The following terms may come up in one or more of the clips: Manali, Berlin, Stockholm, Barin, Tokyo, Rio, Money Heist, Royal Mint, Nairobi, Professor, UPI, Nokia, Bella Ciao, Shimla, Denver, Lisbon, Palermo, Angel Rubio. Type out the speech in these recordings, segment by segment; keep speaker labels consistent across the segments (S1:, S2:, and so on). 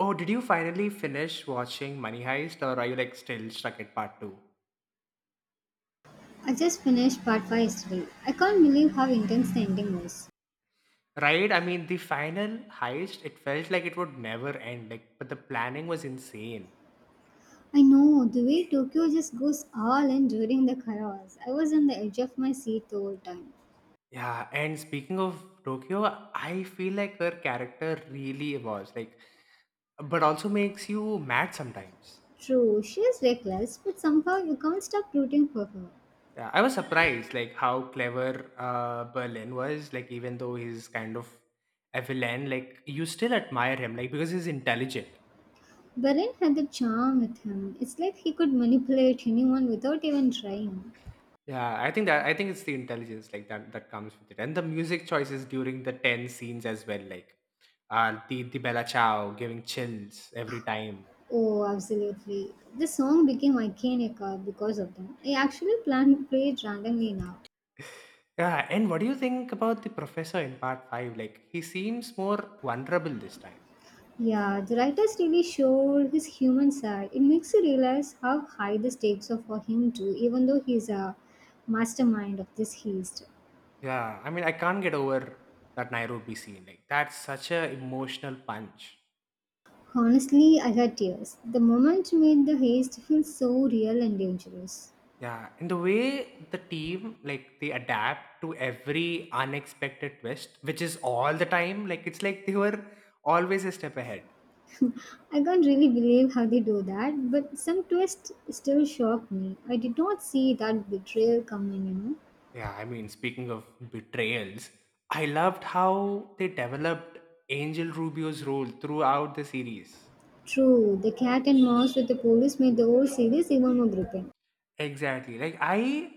S1: Oh, did you finally finish watching Money Heist or are you like still stuck at part 2?
S2: I just finished part 5 yesterday. I can't believe how intense the ending was.
S1: Right? I mean, the final heist, it felt like it would never end, like but the planning was insane.
S2: I know, the way Tokyo just goes all in during the chaos. I was on the edge of my seat the whole time.
S1: Yeah, and speaking of Tokyo, I feel like her character really was like but also makes you mad sometimes.
S2: True, she is reckless, but somehow you can't stop rooting for her.
S1: Yeah, I was surprised like how clever Berlin was. Like even though he's kind of a villain, like you still admire him, like because he's intelligent.
S2: Barin had the charm with him. It's like he could manipulate anyone without even trying.
S1: Yeah, I think it's the intelligence like that that comes with it, and the music choices during the 10 scenes as well, like the Bella Ciao giving chills every time.
S2: Oh, absolutely. The song became iconic because of them. I actually plan, play it randomly now.
S1: Yeah, and what do you think about the professor in part 5? Like he seems more vulnerable this time.
S2: Yeah, the writers really showed his human side. It makes you realize how high the stakes are for him too, even though he's a mastermind of this heist.
S1: Yeah, I mean I can't get over that Nairobi scene. Like that's such a emotional punch.
S2: Honestly, I had tears. The moment made the heist feel so real and dangerous.
S1: Yeah, and the way the team like they adapt to every unexpected twist, which is all the time, like it's like they were always a step ahead.
S2: I can't really believe how they do that, but some twists still shocked me. I did not see that betrayal coming, you know.
S1: Yeah, I mean, speaking of betrayals, I loved how they developed Angel Rubio's role throughout the series.
S2: True, the cat and mouse with the police made the whole series even more gripping.
S1: Exactly. Like I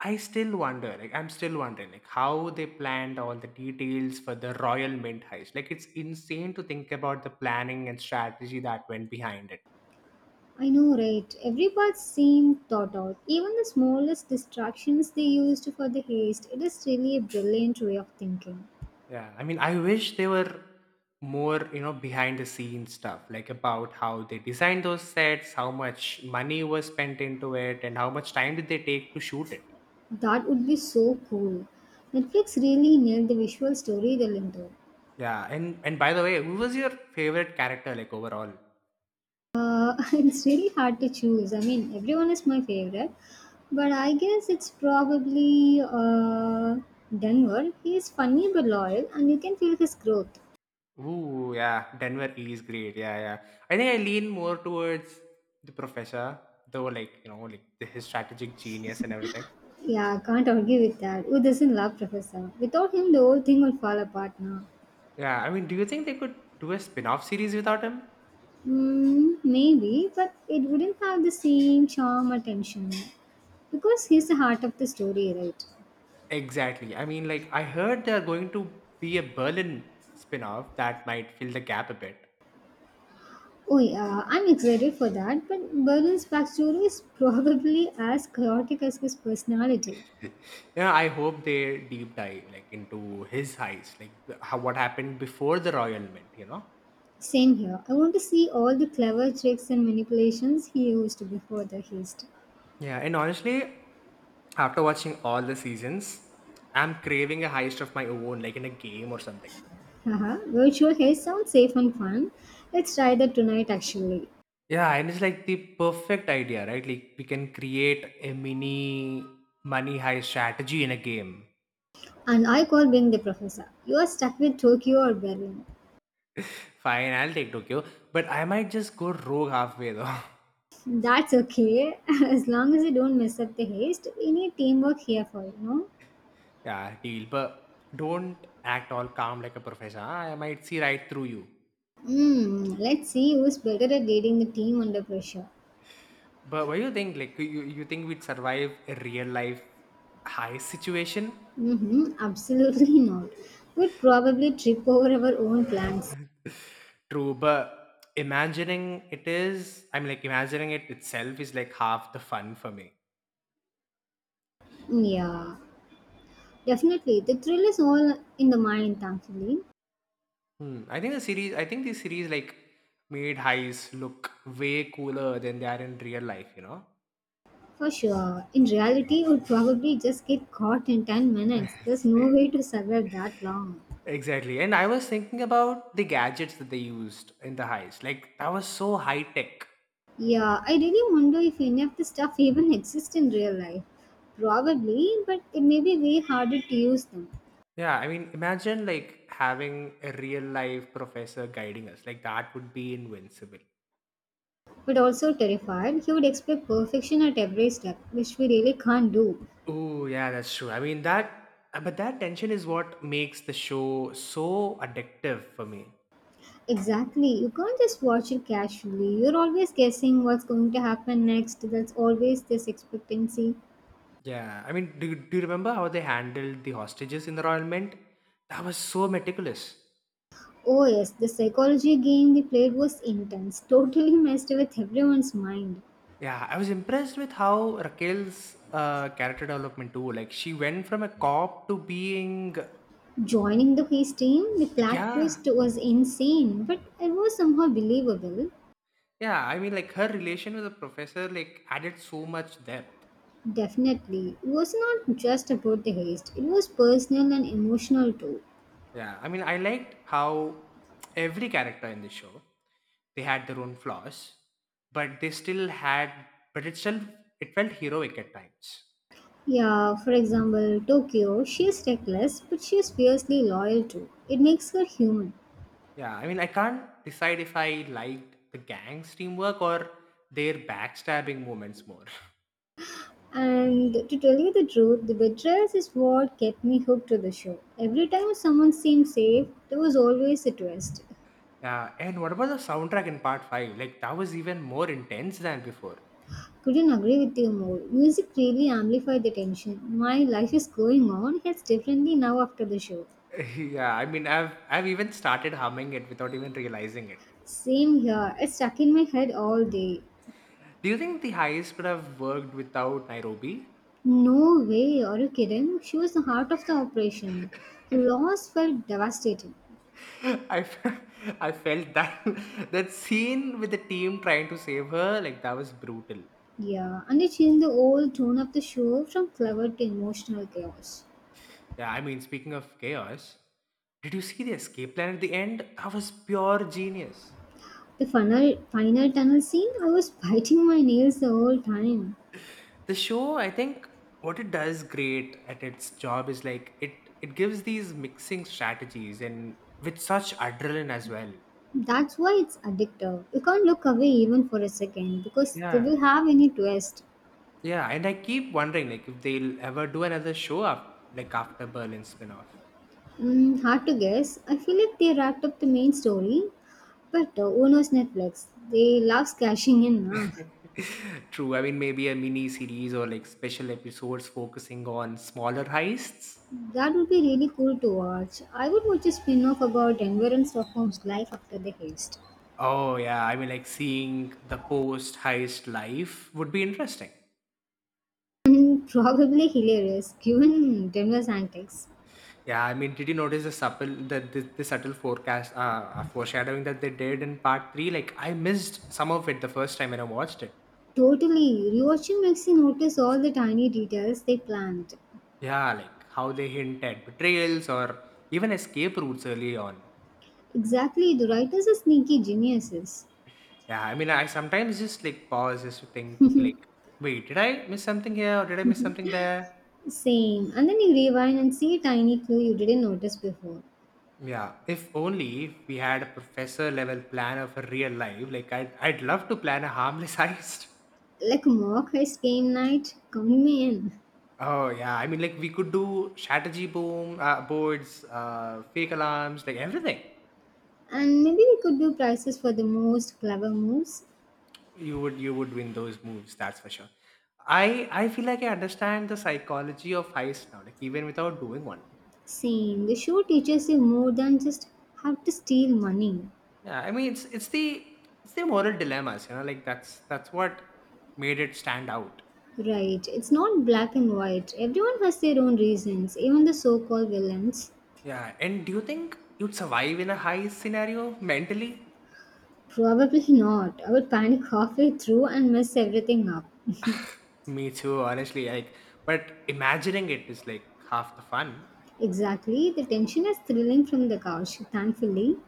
S1: I still wonder, like I'm still wondering like how they planned all the details for the Royal Mint heist. Like it's insane to think about the planning and strategy that went behind it.
S2: I know, right? Every part seemed thought out. Even the smallest distractions they used for the haste, it is really a brilliant way of thinking.
S1: Yeah, I mean, I wish they were more behind the scenes stuff, like about how they designed those sets, how much money was spent into it, and how much time did they take to shoot it.
S2: That would be so cool. Netflix really nailed the visual storytelling though.
S1: Yeah, and by the way, who was your favorite character, like overall?
S2: It's really hard to choose. I mean, everyone is my favorite, but I guess it's probably Denver. He is funny but loyal, and you can feel his growth.
S1: Ooh, yeah, Denver is great. Yeah, yeah. I think I lean more towards the professor, though, like like the, his strategic genius and everything.
S2: Yeah, I can't argue with that. Who doesn't love Professor? Without him, the whole thing will fall apart now.
S1: Yeah, I mean, do you think they could do a spin-off series without him?
S2: Mm, maybe, but it wouldn't have the same charm or tension because he's the heart of the story, right?
S1: Exactly. I mean, like, I heard they're going to be a Berlin spin off that might fill the gap a bit.
S2: Oh, yeah, I'm excited for that, but Berlin's backstory is probably as chaotic as his personality.
S1: Yeah, I hope they deep dive like into his heist, like how, what happened before the royal mint, you know?
S2: Same here. I want to see all the clever tricks and manipulations he used before the heist.
S1: Yeah, and honestly, after watching all the seasons, I'm craving a heist of my own, like in a game or something.
S2: Haha, virtual haste sounds safe and fun. Let's try that tonight, actually.
S1: Yeah, and it's like the perfect idea, right? Like we can create a mini money heist strategy in a game.
S2: And I call being the professor. You are stuck with Tokyo or Berlin.
S1: Fine, I'll take Tokyo, but I might just go rogue halfway though.
S2: That's okay, as long as you don't mess up the haste. We need teamwork here for you know.
S1: Yeah, deal. But don't act all calm like a professor. Huh? I might see right through you.
S2: Hmm. Let's see who's better at leading the team under pressure.
S1: But what do you think? Like, you think we'd survive a real life high situation?
S2: Mm-hmm. Absolutely not. We'd probably trip over our own plans.
S1: True, but I'm like, imagining it itself is like half the fun for me.
S2: Hmm, yeah, definitely. The thrill is all in the mind, thankfully.
S1: Hmm. I think the series like made highs look way cooler than they are in real life, you know?
S2: For sure. In reality, we'd probably just get caught in 10 minutes. There's
S1: Yes.
S2: no way to survive that long.
S1: Exactly. And I was thinking about the gadgets that they used in the heist. Like that was so high tech.
S2: Yeah, I really wonder if any of the stuff even exists in real life. Probably, but it may be way harder to use them.
S1: Yeah, I mean, imagine like having a real life professor guiding us. Like that would be invincible.
S2: But also terrified, he would expect perfection at every step, which we really can't do.
S1: Oh, yeah, that's true. I mean that but that tension is what makes the show so addictive for me.
S2: Exactly, you can't just watch it casually. You're always guessing what's going to happen next. That's always this expectancy.
S1: Yeah. I mean, do you remember how they handled the hostages in the Royal Mint? That was so meticulous.
S2: Oh, yes, the psychology game they played was intense, totally messed with everyone's mind.
S1: Yeah, I was impressed with how Raquel's character development too. Like she went from a cop to being.
S2: Joining the quiz team, the plot
S1: Yeah,
S2: twist was insane, but it was somehow believable.
S1: yeah. I mean, like her relation with the professor like added so much depth.
S2: Definitely, it was not just about the heist, it was personal and emotional too.
S1: Yeah, I mean, I liked how every character in the show they had their own flaws, but they still had, but it still it felt heroic at times.
S2: Yeah, for example, Tokyo, she is reckless, but she is fiercely loyal too. It makes her human.
S1: Yeah, I mean, I can't decide if I liked the gang's teamwork or their backstabbing moments more.
S2: And to tell you the truth, the betrayals is what kept me hooked to the show. Every time someone seemed safe, there was always a twist.
S1: Yeah, and what about the soundtrack in part 5? Like that was even more intense than before.
S2: Couldn't agree with you more. Music really amplified the tension. My life is going on hits differently now after the show.
S1: Yeah, I mean I've even started humming it without even realizing it.
S2: Same here. It's stuck in my head all day.
S1: Do you think the heist could have worked without Nairobi?
S2: No way, are you kidding? She was the heart of the operation. The loss felt devastating.
S1: I've I felt that that scene with the team trying to save her, like that was brutal.
S2: Yeah, and it changed the whole tone of the show from clever to emotional chaos.
S1: Yeah, I mean speaking of chaos, did you see the escape plan at the end? That was pure genius.
S2: The final, final tunnel scene, I was biting my nails the whole time.
S1: The show, I think what it does great at its job is like it gives these mixing strategies and with such adrenaline as well.
S2: That's why it's addictive. You can't look away even for a second because they
S1: Yeah,
S2: will have any twist.
S1: yeah, and I keep wondering like if they'll ever do another show up like after Berlin spin-off.
S2: Mm, hard to guess. I feel like they wrapped up the main story, but who knows Netflix? They love cashing in. Nah.
S1: True, I mean maybe a mini series or like special episodes focusing on smaller heists.
S2: That would be really cool to watch. I would watch a spin off about Denver and Stockholm's life after the heist.
S1: Oh yeah, I mean like seeing the post heist life would be interesting.
S2: Mm, probably hilarious given Denver's antics.
S1: Yeah, I mean, did you notice the subtle, the, subtle foreshadowing that they did in part 3? Like, I missed some of it the first time when I watched it.
S2: Totally. Rewatching makes you notice all the tiny details they planned.
S1: Yeah, like how they hint at betrayals or even escape routes early on.
S2: Exactly, the writers are sneaky geniuses.
S1: Yeah, I mean, I sometimes just like pause just to think, like, wait, did I miss something here or did I miss something there?
S2: Same. And then you rewind and see a tiny clue you didn't notice before.
S1: Yeah, if only we had a professor level plan of a real life, like, I'd love to plan a harmless heist.
S2: Like a mock heist game night, count me in.
S1: Oh yeah, I mean, like we could do strategy boom boards, fake alarms, like everything.
S2: And maybe we could do prizes for the most clever moves.
S1: You would win those moves, that's for sure. I feel like I understand the psychology of heist now, like even without doing one.
S2: Same. The show teaches you more than just how to steal money.
S1: Yeah, I mean it's the moral dilemmas, like that's what made it stand out.
S2: Right. It's not black and white. Everyone has their own reasons, even the so called villains.
S1: Yeah, and do you think you'd survive in a heist scenario mentally?
S2: Probably not. I would panic halfway through and mess everything up.
S1: Me too, honestly. Like, but imagining it is like half the fun.
S2: Exactly. The tension is thrilling from the couch, thankfully.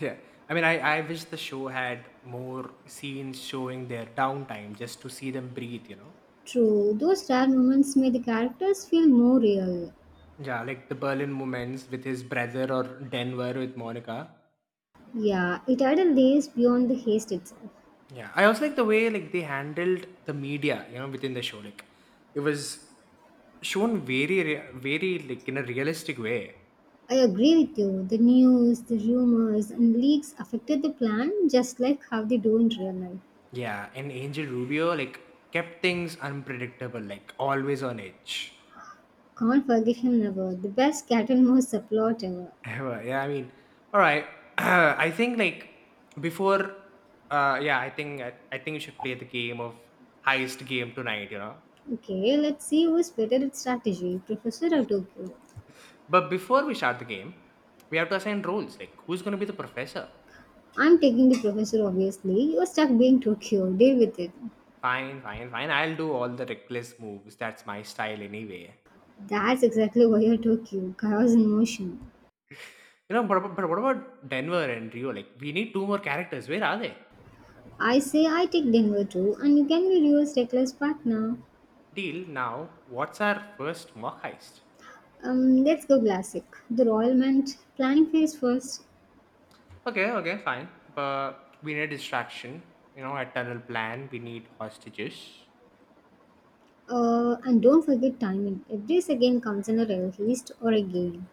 S1: Yeah. I mean, I wish the show had more scenes showing their downtime just to see them breathe, you know?
S2: True, those rare moments made the characters feel more real.
S1: Yeah, like the Berlin moments with his brother or Denver with Monica.
S2: Yeah, it added layers beyond the haste itself.
S1: Yeah. I also like the way like they handled the media, within the show. Like it was shown very like in a realistic way.
S2: I agree with you. The news, the rumors, and leaks affected the plan just like how they do in real life.
S1: Yeah, and Angel Rubio like kept things unpredictable, like always on edge.
S2: Can't forgive him never. The best cat and mouse subplot ever.
S1: Well, yeah, I mean, all right. I think like before, yeah, I think we should play the game of heist game tonight.
S2: Okay, let's see who's better at strategy, Professor or Tokyo.
S1: But before we start the game, we have to assign roles. Like, who's gonna be the professor?
S2: I'm taking the Professor, obviously. You're stuck being Tokyo. Deal with it.
S1: Fine, fine, fine. I'll do all the reckless moves. That's my style anyway.
S2: That's exactly why you're Tokyo. Chaos in motion.
S1: You know, but what about Denver and Rio? Like, we need two more characters. Where are they?
S2: I say I take Denver too, and you can be Rio's reckless partner.
S1: Deal now. What's our first mock heist?
S2: Let's go classic. The royal meant planning phase first.
S1: Okay, okay, fine. But we need a distraction. You know, a tunnel plan. We need hostages.
S2: And don't forget timing. Every second comes in a heist or a game.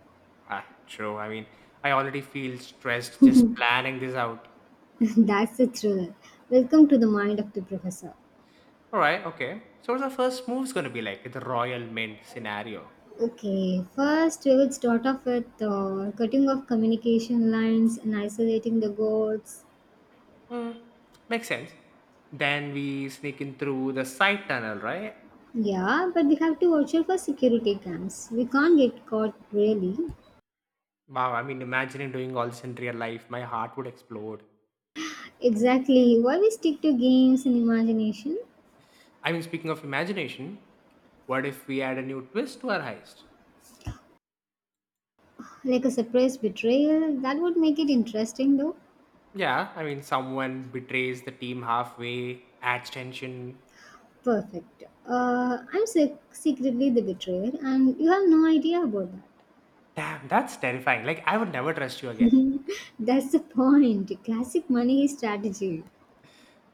S1: Ah, true. I mean, I already feel stressed just planning this out.
S2: That's the thriller. Welcome to the mind of the professor.
S1: All right, okay. So what's the first move's gonna be like the royal mint scenario?
S2: Okay, first we will start off with cutting off communication lines and isolating the goats.
S1: Hmm, makes sense. Then we sneak in through the side tunnel, right?
S2: Yeah, but we have to watch out for security cams. We can't get caught really.
S1: Wow, I mean, imagining doing all this in real life, my heart would explode.
S2: Exactly. Why we stick to games and imagination?
S1: I mean, speaking of imagination, what if we add a new twist to our heist?
S2: Like a surprise betrayal, that would make it interesting though.
S1: Yeah, I mean, someone betrays the team halfway, adds tension.
S2: Perfect. Secretly the betrayer, and you have no idea about that.
S1: Damn, that's terrifying. Like, I would never trust you again.
S2: That's the point. Classic money strategy.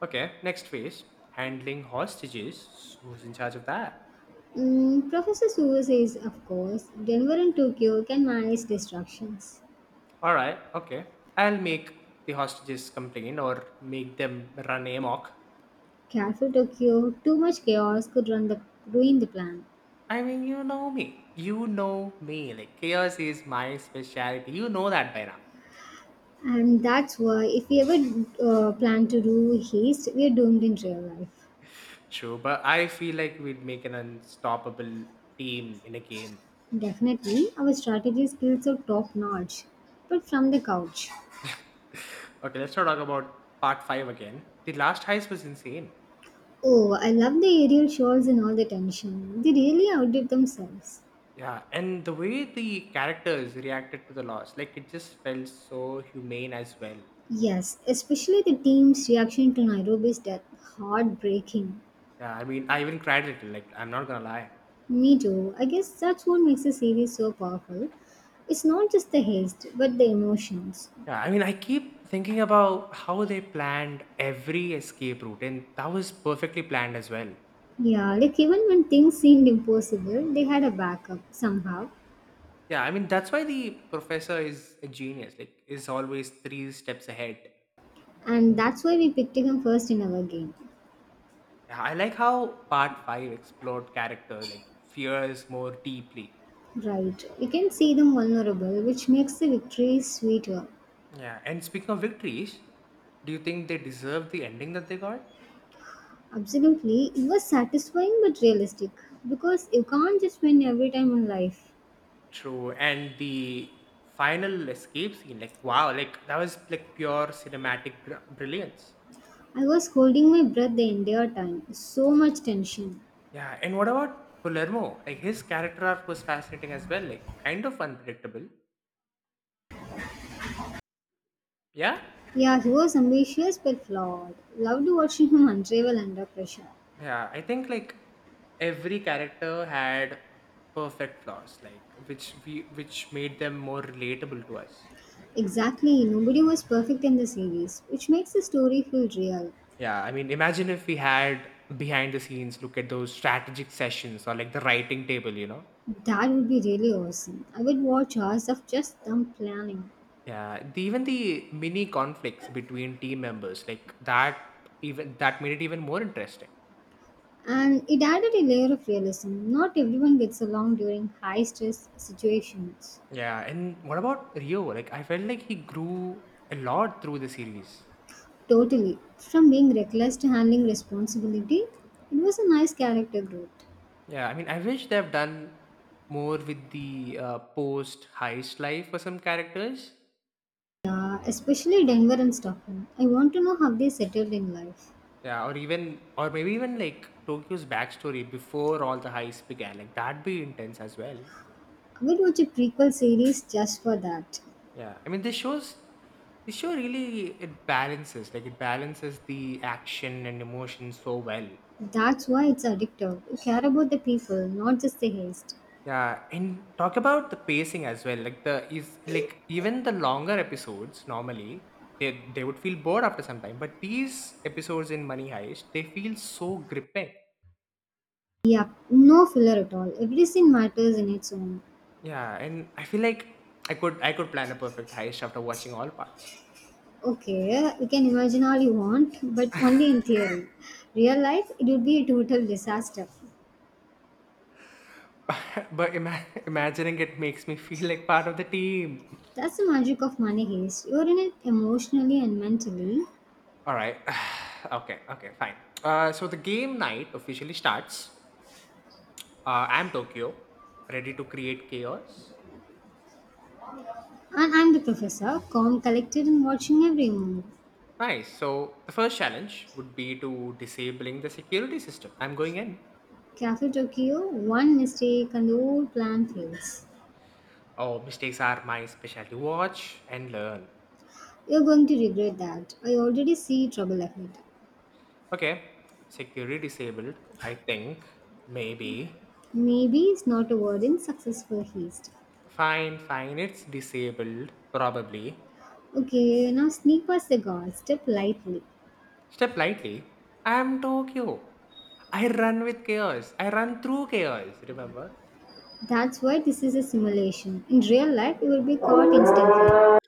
S1: Okay, next phase handling hostages. Who's in charge of that?
S2: Mm, Professor Suo says, of course, Denver and Tokyo can manage distractions.
S1: All right, okay. I'll make the hostages complain or make them run amok.
S2: Careful Tokyo, too much chaos could run the ruin the plan.
S1: I mean, you know me. You know me. Like, chaos is my specialty. You know that by now.
S2: And that's why, if we ever plan to do haste, we are doomed in real life.
S1: True, but I feel like we'd make an unstoppable team in a game.
S2: Definitely, our strategy skills are top notch, but from the couch.
S1: Okay, let's not talk about part 5 again. The last heist was insane.
S2: Oh, I love the aerial shots and all the tension. They really outdid themselves.
S1: Yeah, and the way the characters reacted to the loss, like it just felt so humane as well.
S2: Yes, especially the team's reaction to Nairobi's death. Heartbreaking.
S1: Yeah, I mean, I even cried a little, like, I'm not gonna lie.
S2: Me too. I guess that's what makes the series so powerful. It's not just the haste, but the emotions.
S1: Yeah, I mean, I keep thinking about how they planned every escape route, and that was perfectly planned as well.
S2: Yeah, like even when things seemed impossible, they had a backup somehow.
S1: Yeah, I mean, that's why the professor is a genius, like, is always three steps ahead.
S2: And that's why we picked him first in our game.
S1: Yeah, I like how part 5 explored character, like, fears more deeply.
S2: Right. You can see them vulnerable, which makes the victory sweeter.
S1: Yeah, and speaking of victories, do you think they deserve the ending that they got?
S2: Absolutely. It was satisfying but realistic because you can't just win every time in life.
S1: True, and the final escape scene, like wow, like that was like pure cinematic brilliance.
S2: I was holding my breath the entire time. So much tension.
S1: Yeah, and what about Palermo? Like his character arc was fascinating as well, like kind of unpredictable. Yeah,
S2: Yeah, he was ambitious but flawed. Loved watching him unravel under pressure.
S1: yeah, I think like every character had perfect flaws, like which made them more relatable to us.
S2: Exactly. Nobody was perfect in the series, which makes the story feel real.
S1: Yeah, I mean, imagine if we had behind the scenes look at those strategic sessions or like the writing table, you know?
S2: That would be really awesome. I would watch hours of just them planning.
S1: Yeah, even the mini conflicts between team members, like that, even that made it even more interesting.
S2: And it added a layer of realism. Not everyone gets along during high stress situations.
S1: Yeah, and what about Rio? Like, I felt like he grew a lot through the series.
S2: Totally. From being reckless to handling responsibility, it was a nice character growth.
S1: Yeah, I mean, I wish they have done more with the post heist life for some characters.
S2: Especially Denver and Stockholm. I want to know how they settled in life.
S1: Yeah, or maybe even like Tokyo's backstory before all the heist began. Like that'd be intense as well.
S2: I would watch a prequel series just for that.
S1: Yeah, I mean, this show really it balances, like it balances the action and emotion so well.
S2: That's why it's addictive. You care about the people, not just the haste.
S1: Yeah, and talk about the pacing as well. Like the is like even the longer episodes normally they would feel bored after some time, but these episodes in Money Heist they feel so gripping.
S2: Yeah, no filler at all. Every scene matters in its own.
S1: Yeah, and I feel like I could plan a perfect heist after watching all parts.
S2: Okay, you can imagine all you want, but only in theory. Real life, it would be a total disaster.
S1: But imagining it makes me feel like part of the team.
S2: That's the magic of money heist. You're in it emotionally and mentally.
S1: All right. Okay. Okay. Fine. So the game night officially starts. I'm Tokyo, ready to create chaos.
S2: And I'm the professor, calm, collected, and watching every move.
S1: Nice. So the first challenge would be to disabling the security system. I'm going in.
S2: Cafe Tokyo, one mistake, and the whole plan fails.
S1: Oh, mistakes are my specialty. Watch and learn.
S2: You're going to regret that. I already see trouble ahead.
S1: Okay. Security disabled. I think maybe.
S2: Maybe it's not a word in successful heist.
S1: Fine. Fine. It's disabled. Probably.
S2: Okay, now sneak past the guards, step lightly.
S1: Step lightly. I am Tokyo. I run with chaos. I run through chaos. Remember?
S2: That's why this is a simulation. In real life, you will be caught instantly.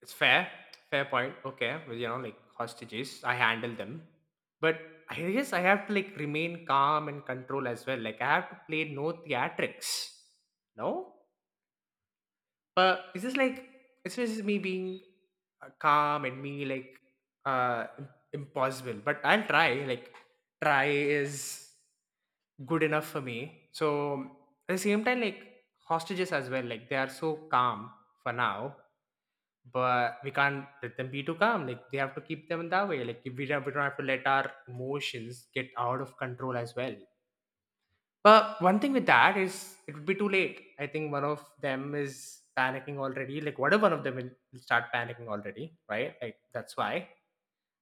S1: It's fair. Fair point. Okay. Well, like hostages, I handle them. But I guess I have to like remain calm and control as well. Like I have to play no theatrics. No? But it's just me being calm and me like impossible. But I'll try. Like try is good enough for me. So at the same time, like hostages as well. Like they are so calm for now, but we can't let them be too calm. Like they have to keep them in that way. Like we don't have to let our emotions get out of control as well. But one thing with that is it would be too late. I think one of them is panicking already. Like, what if one of them will start panicking already, right? Like, that's why.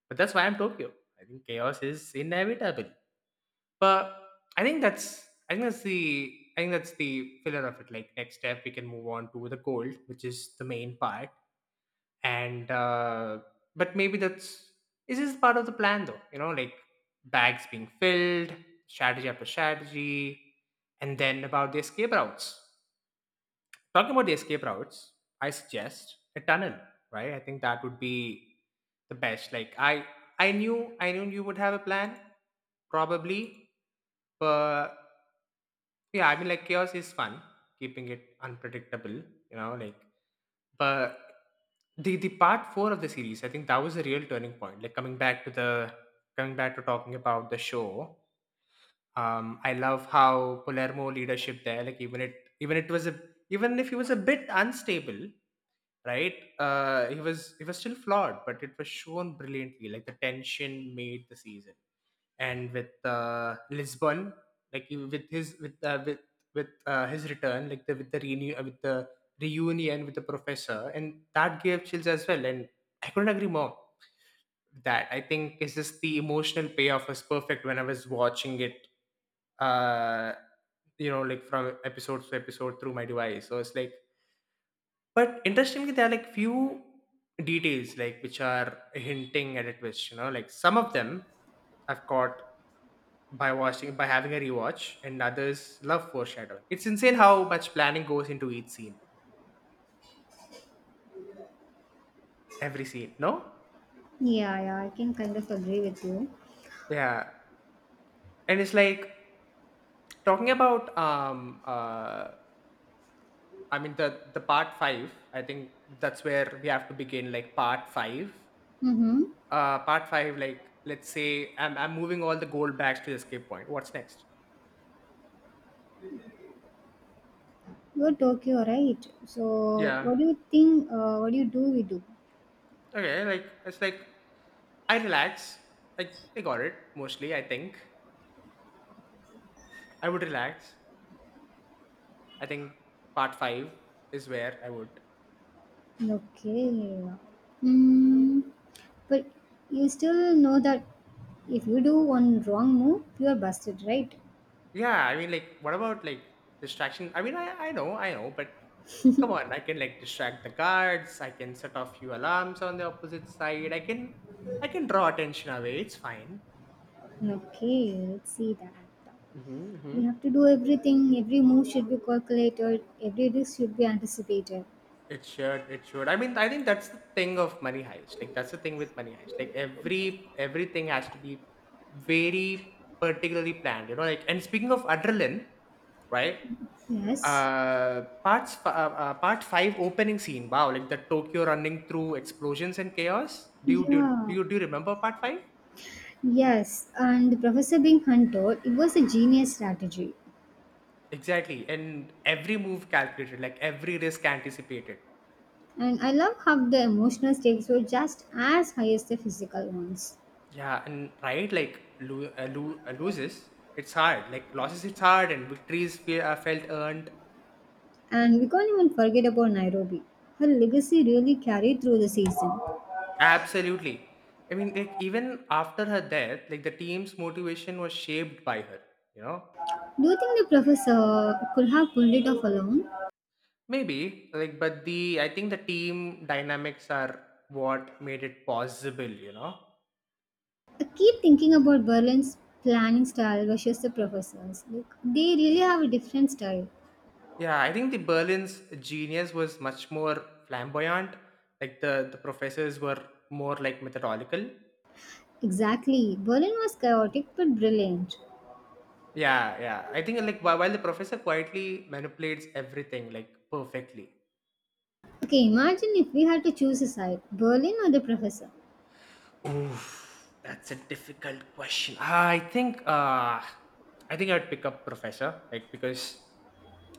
S1: But that's why I'm Tokyo. I think chaos is inevitable. But I think that's I think that's the I think that's the filler of it. Like next step, we can move on to the gold, which is the main part and but maybe that's is this part of the plan though, you know, like bags being filled, strategy after strategy, and then about the escape routes, talking about the escape routes, I suggest a tunnel. Right? I think that would be the best. Like I knew you would have a plan, probably. But yeah, I mean, like chaos is fun, keeping it unpredictable, you know, like but the part four of the series, I think that was a real turning point. Like coming back to talking about the show. I love how Palermo leadership there, like even it was a even if he was a bit unstable, right. He was still flawed, but it was shown brilliantly, like the tension made the season. And with Lisbon, like he- with his return, like the with the renew with the reunion with the professor, and that gave chills as well. And I couldn't agree more with that. I think it's just the emotional payoff was perfect when I was watching it. uh you know, like from episode to episode through my device, so it's like but interestingly, there are like few details like which are hinting at a twist. You know, like some of them I've caught by having a rewatch, and others love foreshadowing. It's insane how much planning goes into each scene, every scene. No,
S2: Yeah, yeah, I can kind of agree with you.
S1: yeah, and it's like talking about I mean the part five. I think that's where we have to begin. Like part five,
S2: Mm-hmm.
S1: part five. Like let's say I'm moving all the gold bags to the escape point. What's next?
S2: Go Tokyo, right? So,
S1: Yeah.
S2: what do you think? What do you do? We do.
S1: Okay, like it's like I relax. Like I got it mostly. I think I would relax. I think part five is where I would.
S2: Okay. Hmm. But you still know that if you do one wrong move, you are busted, right?
S1: Yeah, I mean, like, what about like distraction? I mean, I know, but come on, I can like distract the guards. I can set off few alarms on the opposite side. I can draw attention away. It's fine.
S2: Okay, let's see that.
S1: Mm-hmm, mm-hmm.
S2: We have to do everything. Every move should be calculated. Every risk should be anticipated.
S1: It should. It should. I mean, I think that's the thing of Money Heist. Like that's the thing with Money Heist. Like everything has to be very particularly planned. You know. Like and speaking of adrenaline, right?
S2: Yes.
S1: Part five opening scene. Wow, like the Tokyo running through explosions and chaos. Do you do, do
S2: Yeah.
S1: you do you remember part five?
S2: Yes, and Professor being Hunter, it was a genius strategy.
S1: Exactly, and every move calculated, like every risk anticipated.
S2: And I love how the emotional stakes were just as high as the physical ones.
S1: Yeah, and right, like loses, it's hard. Like losses, it's hard, and victories felt earned.
S2: And we can't even forget about Nairobi. Her legacy really carried through the season.
S1: Absolutely. I mean, like even after her death, like the team's motivation was shaped by her. You know,
S2: Do you think the professor could have pulled it off alone?
S1: maybe like, but the I think the team dynamics are what made it possible. You know,
S2: I keep thinking about Berlin's planning style versus the professor's. Like, they really have a different style.
S1: yeah, I think the Berlin's genius was much more flamboyant. Like the professors were more like methodical.
S2: Exactly. Berlin was chaotic but brilliant.
S1: Yeah, yeah. I think like while the professor quietly manipulates everything like perfectly.
S2: Okay, imagine if we had to choose a side, Berlin or the professor.
S1: Oof, that's a difficult question. I think I'd pick up professor like because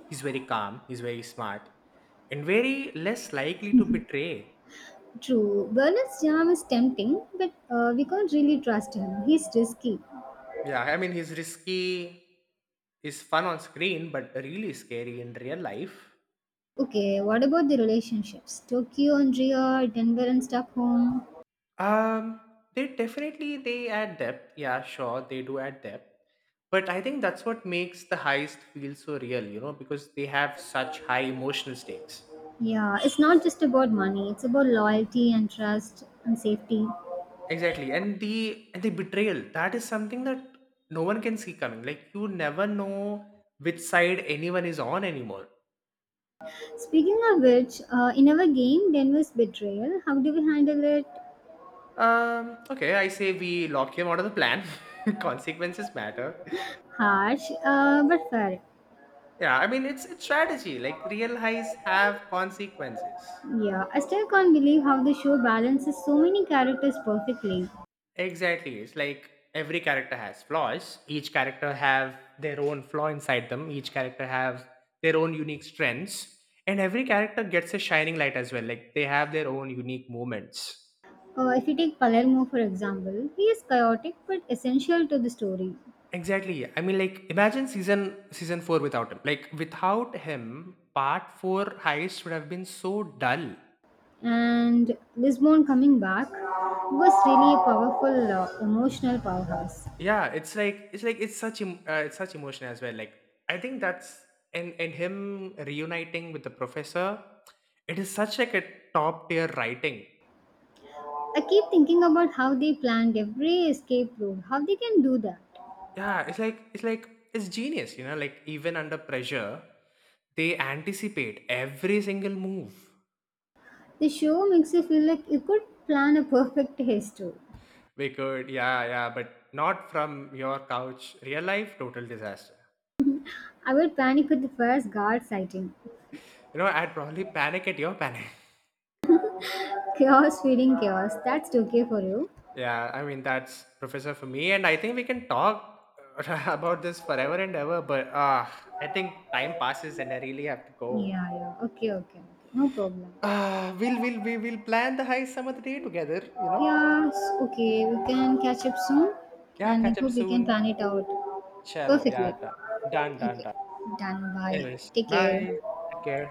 S1: he's very calm, he's very smart, and very less likely to betray.
S2: True, Bernard's charm is tempting, but we can't really trust him. He's risky.
S1: Yeah, I mean he's risky, he's fun on screen, but really scary in real life.
S2: Okay, what about the relationships? Tokyo and Rio, Denver and Stockholm.
S1: Um, they definitely they add depth. Yeah, sure, they do add depth. But I think that's what makes the heist feel so real, because they have such high emotional stakes.
S2: Yeah, it's not just about money, it's about loyalty and trust and safety.
S1: Exactly. And the betrayal, that is something that no one can see coming. Like you never know which side anyone is on anymore.
S2: Speaking of which, in our game, Denver's betrayal, how do we handle it?
S1: Okay, I say we lock him out of the plan. Consequences matter.
S2: Harsh, but fair.
S1: Yeah, I mean it's strategy. Like real heists have consequences.
S2: Yeah, I still can't believe how the show balances so many characters perfectly.
S1: Exactly. It's like every character has flaws. Each character have their own flaw inside them. Each character have their own unique strengths. And every character gets a shining light as well. Like they have their own unique moments.
S2: If you take Palermo for example, he is chaotic but essential to the story.
S1: Exactly. I mean like imagine season 4 without him. Like without him, part 4 heist would have been so dull.
S2: And Lisbon coming back was really a powerful emotional powerhouse.
S1: Yeah, it's like it's such emotion as well, like I think that's and him reuniting with the professor, it is such like a top tier writing.
S2: I keep thinking about how they planned every escape route, how they can do that.
S1: Yeah, it's like it's genius, you know, like even under pressure they anticipate every single move.
S2: The show makes you feel like you could plan a perfect race too.
S1: We could. Yeah, yeah, but not from your couch. Real life, total disaster.
S2: I will panic with the first guard sighting.
S1: You know, I'd probably panic at your panic.
S2: Chaos feeding chaos. That's okay for you.
S1: Yeah, I mean that's Professor for me, and I think we can talk about this forever and ever. But I think time passes, and I really have to go.
S2: Yeah, yeah. Okay, okay, okay. No problem.
S1: We will plan the heist some other day together. You know.
S2: Yes, okay, we can catch up soon
S1: Yeah,
S2: and I
S1: catch up
S2: hope we can
S1: soon.
S2: plan it out
S1: Chalo. Yeah,
S2: perfectly.
S1: done, done, done,
S2: Okay,
S1: done.
S2: done. Bye.
S1: Anyways,
S2: Take
S1: bye.
S2: care.
S1: Take care.